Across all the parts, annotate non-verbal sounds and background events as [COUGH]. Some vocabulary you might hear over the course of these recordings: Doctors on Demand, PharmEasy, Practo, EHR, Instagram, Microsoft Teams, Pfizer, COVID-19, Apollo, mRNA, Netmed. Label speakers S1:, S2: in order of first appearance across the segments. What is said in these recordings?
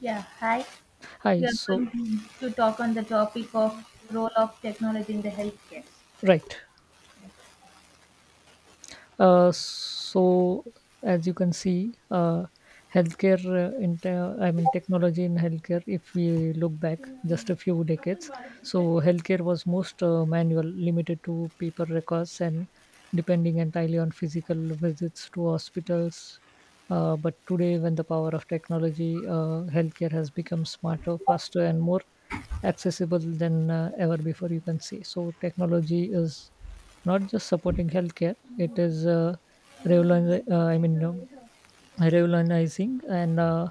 S1: Yeah, hi. We
S2: Hi.
S1: are
S2: So,
S1: going to talk on the topic of role of technology in the healthcare.
S2: right. Uh, so, as you can see, healthcare, in te- I mean, technology in healthcare, if we look back just a few decades, so healthcare was most manual, limited to paper records and depending entirely on physical visits to hospitals. But today, when the power of technology, healthcare has become smarter, faster, and more accessible than ever before, you can see. So, technology is not just supporting healthcare, it is revolutioni- uh, i mean um, revolutionizing, and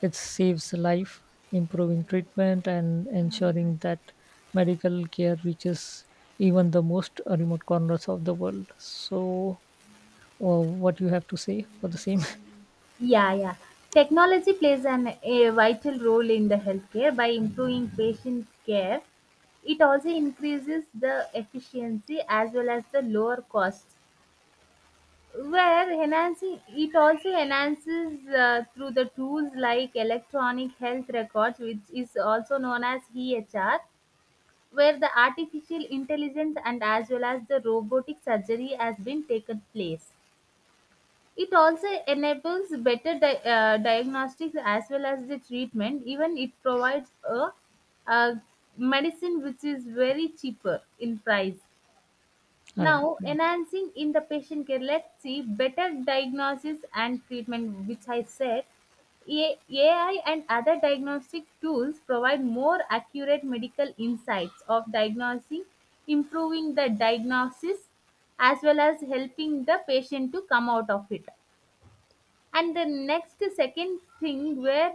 S2: it saves life, improving treatment and ensuring that medical care reaches even the most remote corners of the world. So what you have to say for the same?
S1: Yeah, yeah. Technology plays a vital role in the healthcare by improving patient care. It also increases the efficiency as well as the lower costs. Where enhancing it also enhances through the tools like electronic health records, which is also known as EHR, where the artificial intelligence and as well as the robotic surgery has been taken place. It also enables diagnostics as well as the treatment. Even it provides a medicine which is very cheaper in price.
S2: [LAUGHS] All right,
S1: Now,
S2: yeah.
S1: enhancing in the patient care, let's see better diagnosis and treatment, which I said. AI and other diagnostic tools provide more accurate medical insights of diagnosing, improving the diagnosis, as well as helping the patient to come out of it. And the next second thing where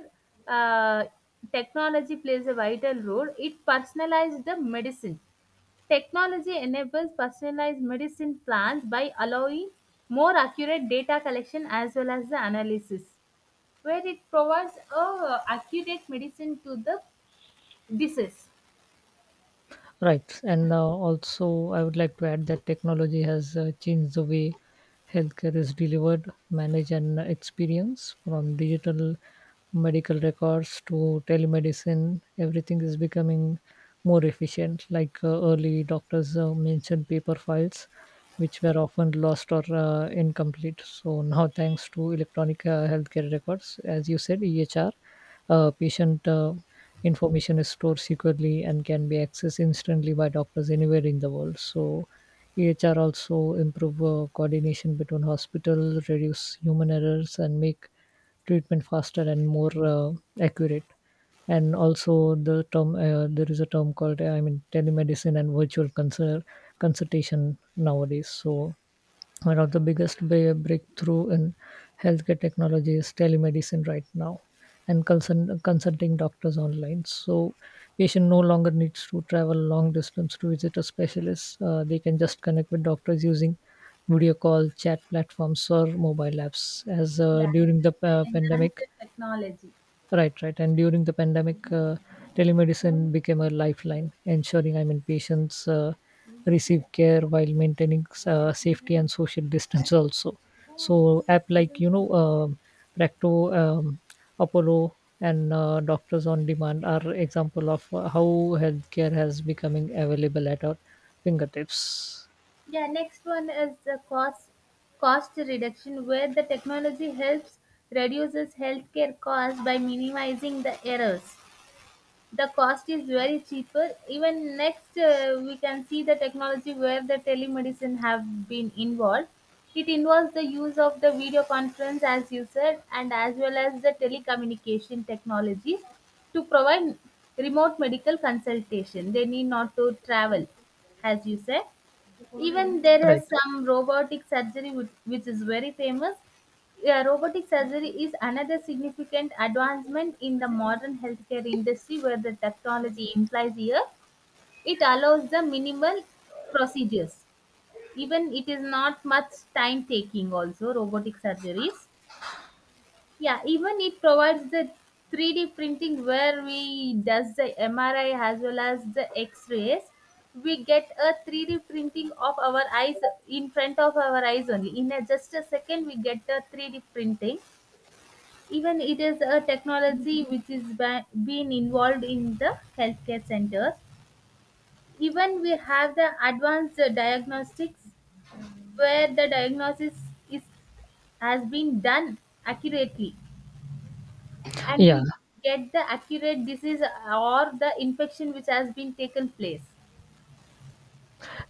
S1: uh, technology plays a vital role, it personalized the medicine. Technology enables personalized medicine plans by allowing more accurate data collection as well as the analysis, where it provides a accurate medicine to the disease.
S2: Right. And also, I would like to add that technology has changed the way healthcare is delivered, managed, and experienced, from digital medical records to telemedicine. Everything is becoming more efficient. Like early doctors mentioned paper files, which were often lost or incomplete. So now, thanks to electronic healthcare records, as you said, EHR, patient. Information is stored securely and can be accessed instantly by doctors anywhere in the world. So, EHR also improve coordination between hospitals, reduce human errors, and make treatment faster and more accurate. And also, the term there is a term called I mean telemedicine and virtual consultation nowadays. So one of the biggest breakthrough in healthcare technology is telemedicine right now, and consulting doctors online. So patient no longer needs to travel long distance to visit a specialist. They can just connect with doctors using video call, chat platforms, or mobile apps as
S1: Yeah, this
S2: during
S1: is
S2: the
S1: the enhanced
S2: pandemic.
S1: technology.
S2: Right, right. And during the pandemic, telemedicine became a lifeline, ensuring I mean patients receive care while maintaining safety and social distance also. So app like you know Practo, Apollo, and Doctors on Demand are example of how healthcare has becoming available at our fingertips.
S1: Yeah, next one is the cost reduction, where the technology helps reduces healthcare costs by minimizing the errors. The cost is very cheaper. Even next, we can see the technology where the telemedicine have been involved. It involves the use of the video conference, as you said, and as well as the telecommunication technology to provide remote medical consultation. They need not to travel, as you said. Even there
S2: Right.
S1: is some robotic surgery which is very famous. Yeah, robotic surgery is another significant advancement in the modern healthcare industry where the technology implies here. It allows the minimal procedures. Even it is not much time taking also robotic surgeries. Yeah, even it provides the 3D printing where we does the MRI as well as the X-rays. We get a 3D printing of our eyes in front of our eyes only. Just a second, we get the 3D printing. Even it is a technology which is been involved in the healthcare centers. Even we have the advanced diagnostics where the diagnosis is has been done accurately, and
S2: Yeah.
S1: we get the accurate disease or the infection which has been taken place.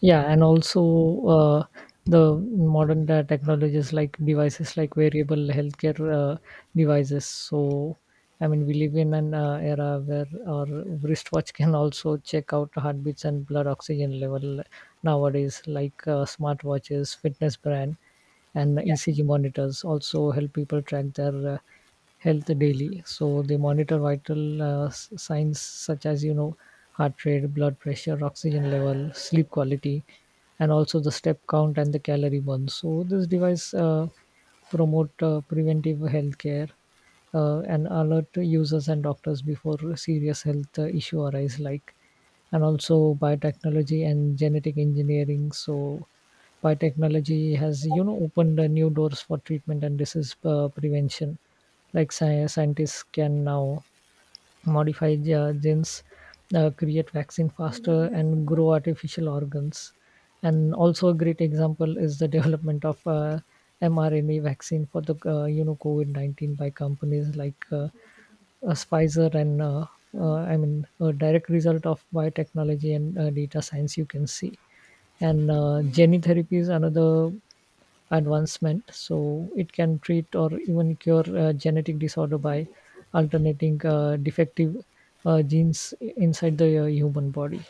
S2: Yeah, and also the modern technologies like devices like wearable healthcare devices. So I mean we live in an era where our wristwatch can also check out heartbeats and blood oxygen level nowadays, like smartwatches, fitness brand, and
S1: Yeah.
S2: ecg monitors also help people track their health daily. So they monitor vital signs such as you know heart rate, blood pressure, oxygen level, sleep quality, and also the step count and the calorie burn. So this device promote preventive healthcare, and alert users and doctors before serious health issue arise, like, and also biotechnology and genetic engineering. So biotechnology has you know opened new doors for treatment and disease prevention, like scientists can now modify genes, create vaccine faster, and grow artificial organs. And also a great example is the [LAUGHS] development of mRNA vaccine for the you know COVID-19 by companies like Pfizer and I mean a direct result of biotechnology and data science, you can see. And gene therapy is another advancement. So it can treat or even cure genetic disorder by alternating defective genes inside the human body.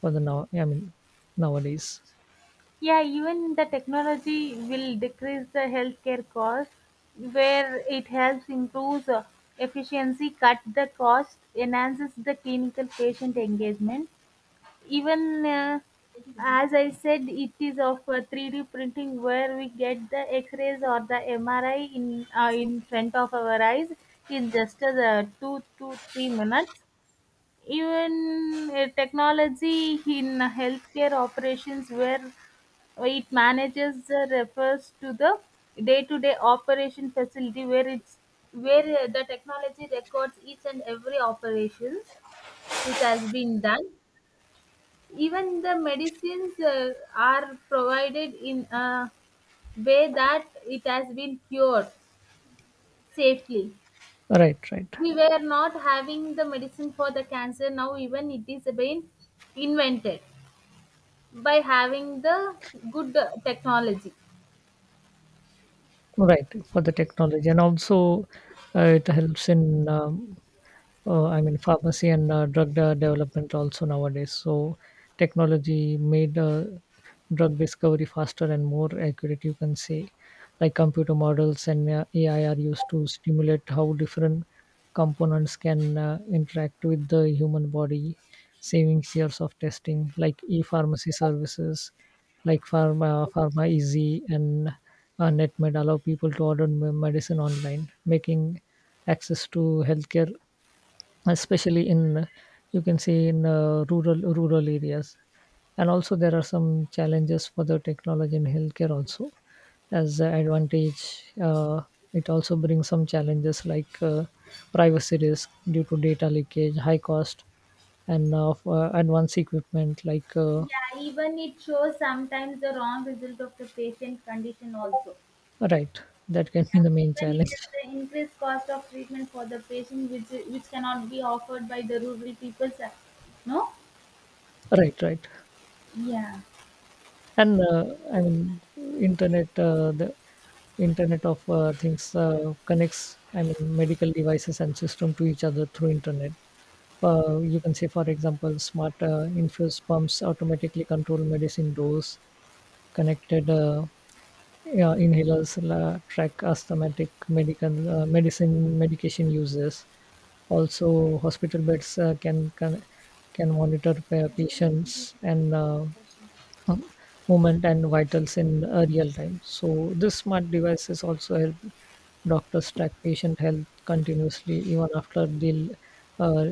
S2: For the now, I mean nowadays.
S1: Yeah, even the technology will decrease the healthcare cost, where it helps improves efficiency, cut the cost, enhances the clinical patient engagement. Even as I said, it is of 3D printing where we get the X-rays or the MRI in front of our eyes in just 2 to 3 minutes. Even technology in healthcare operations where it manages, refers to the day-to-day operation facility where it's where the technology records each and every operations which has been done. Even the medicines are provided in a way that it has been cured safely.
S2: Right, right,
S1: We were not having the medicine for the cancer, now even it is being invented by having the good technology.
S2: right. For the technology, and also it helps in I mean, pharmacy and drug development also nowadays. So technology made drug discovery faster and more accurate. You can say, like computer models and AI are used to stimulate how different components can interact with the human body, saving years of testing. Like e-pharmacy services, like pharma easy and netmed allow people to order medicine online, making access to healthcare especially in you can say in rural areas. And also there are some challenges for the technology in healthcare also. As an advantage, it also brings some challenges, like privacy risk due to data leakage, high cost, and advanced equipment like
S1: Yeah, even it shows sometimes the wrong result of the patient condition also.
S2: right, that can be
S1: Yeah,
S2: the main
S1: even it
S2: challenge.
S1: is the increased cost of treatment for the patient which cannot be offered by the rural people. Sir. No?
S2: Right, right.
S1: Yeah.
S2: And I mean internet the internet of things connects I mean medical devices and system to each other through internet. You can say for example smart infuse pumps automatically control medicine dose, connected yeah, inhalers track asthmatic medical medicine medication uses, also hospital beds can monitor patients and uh, movement and vitals in real time. So this smart devices also help doctors track patient health continuously even after they'll uh,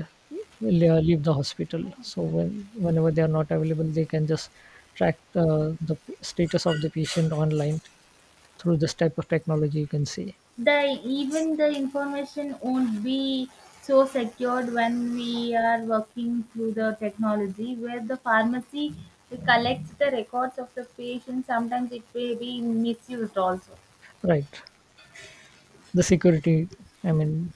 S2: leave the hospital. So whenever they are not available, they can just track the status of the patient online through this type of technology. You can see.
S1: The Even the information won't be so secured when we are working through the technology, where the pharmacy collects the records of the patient. Sometimes it may be misused also.
S2: Right, the security. I mean,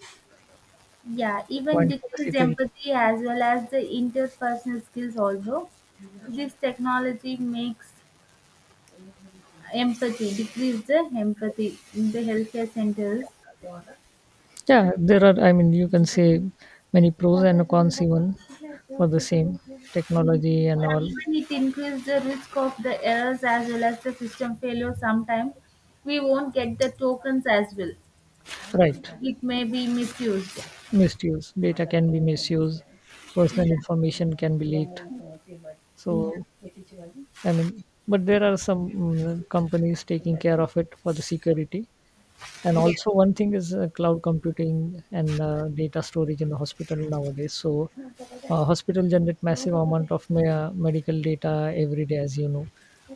S1: Yeah,
S2: the
S1: even
S2: point for the
S1: decreased
S2: security.
S1: empathy as well as the interpersonal skills also. This technology makes decrease the empathy in the healthcare centers.
S2: Yeah, there are, I mean, you can say many pros and cons even for the same
S1: Mhm.
S2: technology and
S1: Yeah,
S2: all.
S1: even it increases the risk of the errors as well as the system failure. Sometimes we won't get the tokens as well.
S2: Right,
S1: It may be misused.
S2: misuse. Data can be misused,
S1: Yeah,
S2: personal information can be leaked.
S1: yeah.
S2: So, I mean, but there are some companies taking care of it for the security. And
S1: Yeah.
S2: also, one thing is cloud computing and data storage in the hospital nowadays. So, hospital generate massive amount of medical data every day, as you know,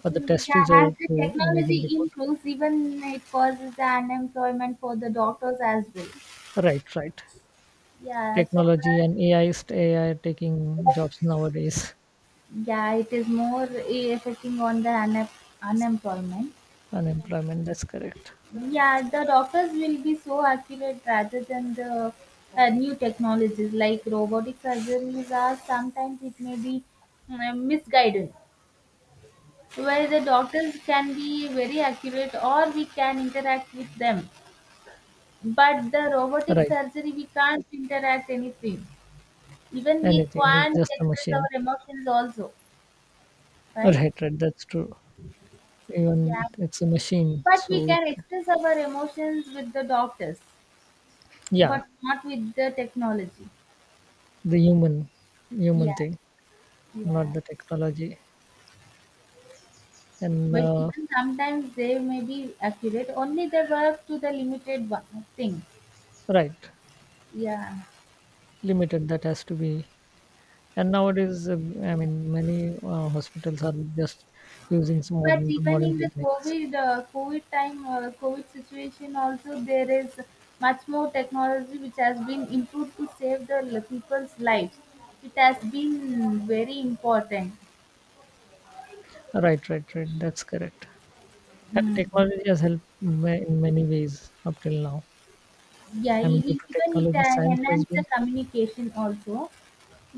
S2: for the test
S1: Yeah, as
S2: result
S1: the
S2: to imaging
S1: technology
S2: report.
S1: improves, even it causes the unemployment for the doctors as well.
S2: Right, right.
S1: Yeah, so
S2: Technology
S1: that,
S2: and AI, is AI taking jobs nowadays?
S1: yeah, it is more affecting on the unemployment.
S2: Unemployment, that's correct.
S1: Yeah, the doctors will be so accurate rather than the new technologies like robotic surgeries are. Sometimes it may be misguided, where the doctors can be very accurate or we can interact with them. But the robotic
S2: Right.
S1: surgery, we can't interact anything. Even we
S2: Anything is
S1: can't
S2: just a
S1: express our
S2: machine.
S1: emotions also, right?
S2: Right, right. That's true.
S1: Yeah,
S2: Even it's a machine.
S1: but we
S2: So
S1: can express our emotions with the doctors,
S2: yeah,
S1: but not with the technology.
S2: the human, human
S1: Yeah,
S2: thing, not
S1: yeah,
S2: the technology. And
S1: but even sometimes they may be accurate, only they work to the limited one thing.
S2: right,
S1: Yeah,
S2: limited that has to be. And nowadays, I mean, many hospitals are just using some
S1: but
S2: modern
S1: even
S2: modern
S1: in the
S2: techniques.
S1: COVID time, COVID situation also, there is much more technology which has been improved to save the people's lives. It has been very important.
S2: Right, right, right. That's correct. I mean,
S1: Mm.
S2: technology has helped in many ways up till now.
S1: Yeah,
S2: I mean, due to
S1: even it
S2: technology, science has
S1: enhance the
S2: been
S1: communication also.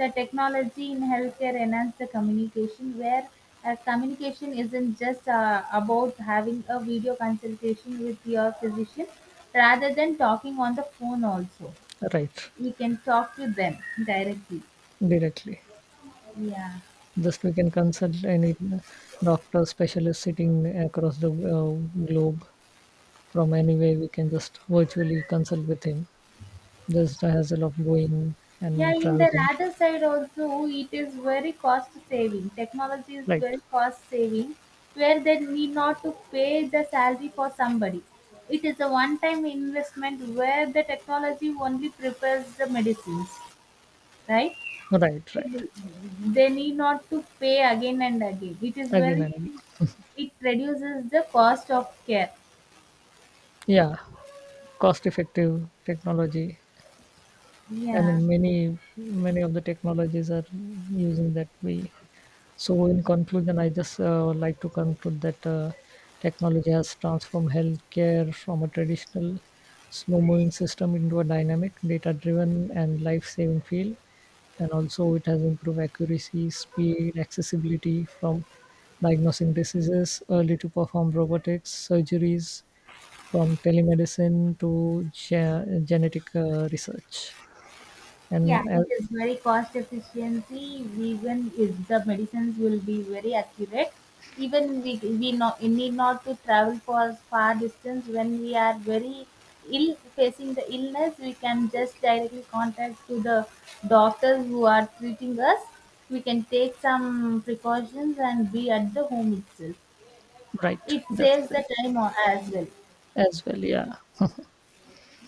S1: The technology in healthcare enhance the communication where communication isn't just about having a video consultation with your physician rather than talking on the phone also.
S2: right
S1: We can talk to them directly.
S2: directly.
S1: Yeah.
S2: Just we can consult any doctor, specialist sitting across the globe from anywhere. We can just virtually consult with him. Just the hassle of going
S1: Yeah,
S2: and
S1: in the
S2: traveling.
S1: other side also, it is very cost saving. Technology is
S2: Right,
S1: very cost saving, where they need not to pay the salary for somebody. It is a one time investment where the technology only prepares the medicines, right?
S2: right, right.
S1: They they need not to pay again and again. It is
S2: Again
S1: very,
S2: and again.
S1: it reduces the cost of care.
S2: Yeah, cost effective technology. I
S1: Yeah.
S2: mean, many of the technologies are using that way. So, in conclusion, I just would like to conclude that technology has transformed healthcare from a traditional slow-moving system into a dynamic, data-driven, and life-saving field. And also, it has improved accuracy, speed, accessibility, from diagnosing diseases early to perform robotics surgeries, from telemedicine to genetic research, and
S1: Yeah,
S2: uh,
S1: it is very cost efficiency. Even if the medicines will be very accurate, even we need not to travel for far distance when we are very ill facing the illness. We can just directly contact to the doctors who are treating us. We can take some precautions and be at the home itself.
S2: right,
S1: It
S2: that's
S1: saves
S2: correct,
S1: the time as well.
S2: as well, yeah,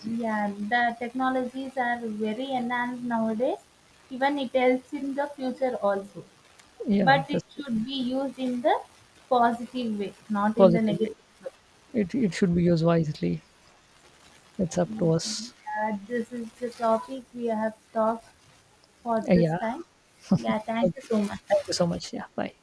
S1: Yeah, the technologies are very enhanced nowadays. Even it helps in the future also.
S2: yeah,
S1: But it
S2: that's correct.
S1: should be used in the positive way, not in the
S2: Positively,
S1: negative way.
S2: it should be used wisely. It's up to us.
S1: Yeah, this is the topic we have talked for this
S2: Yeah,
S1: time. Yeah, thank you
S2: okay,
S1: so much.
S2: thank you so much, yeah, bye.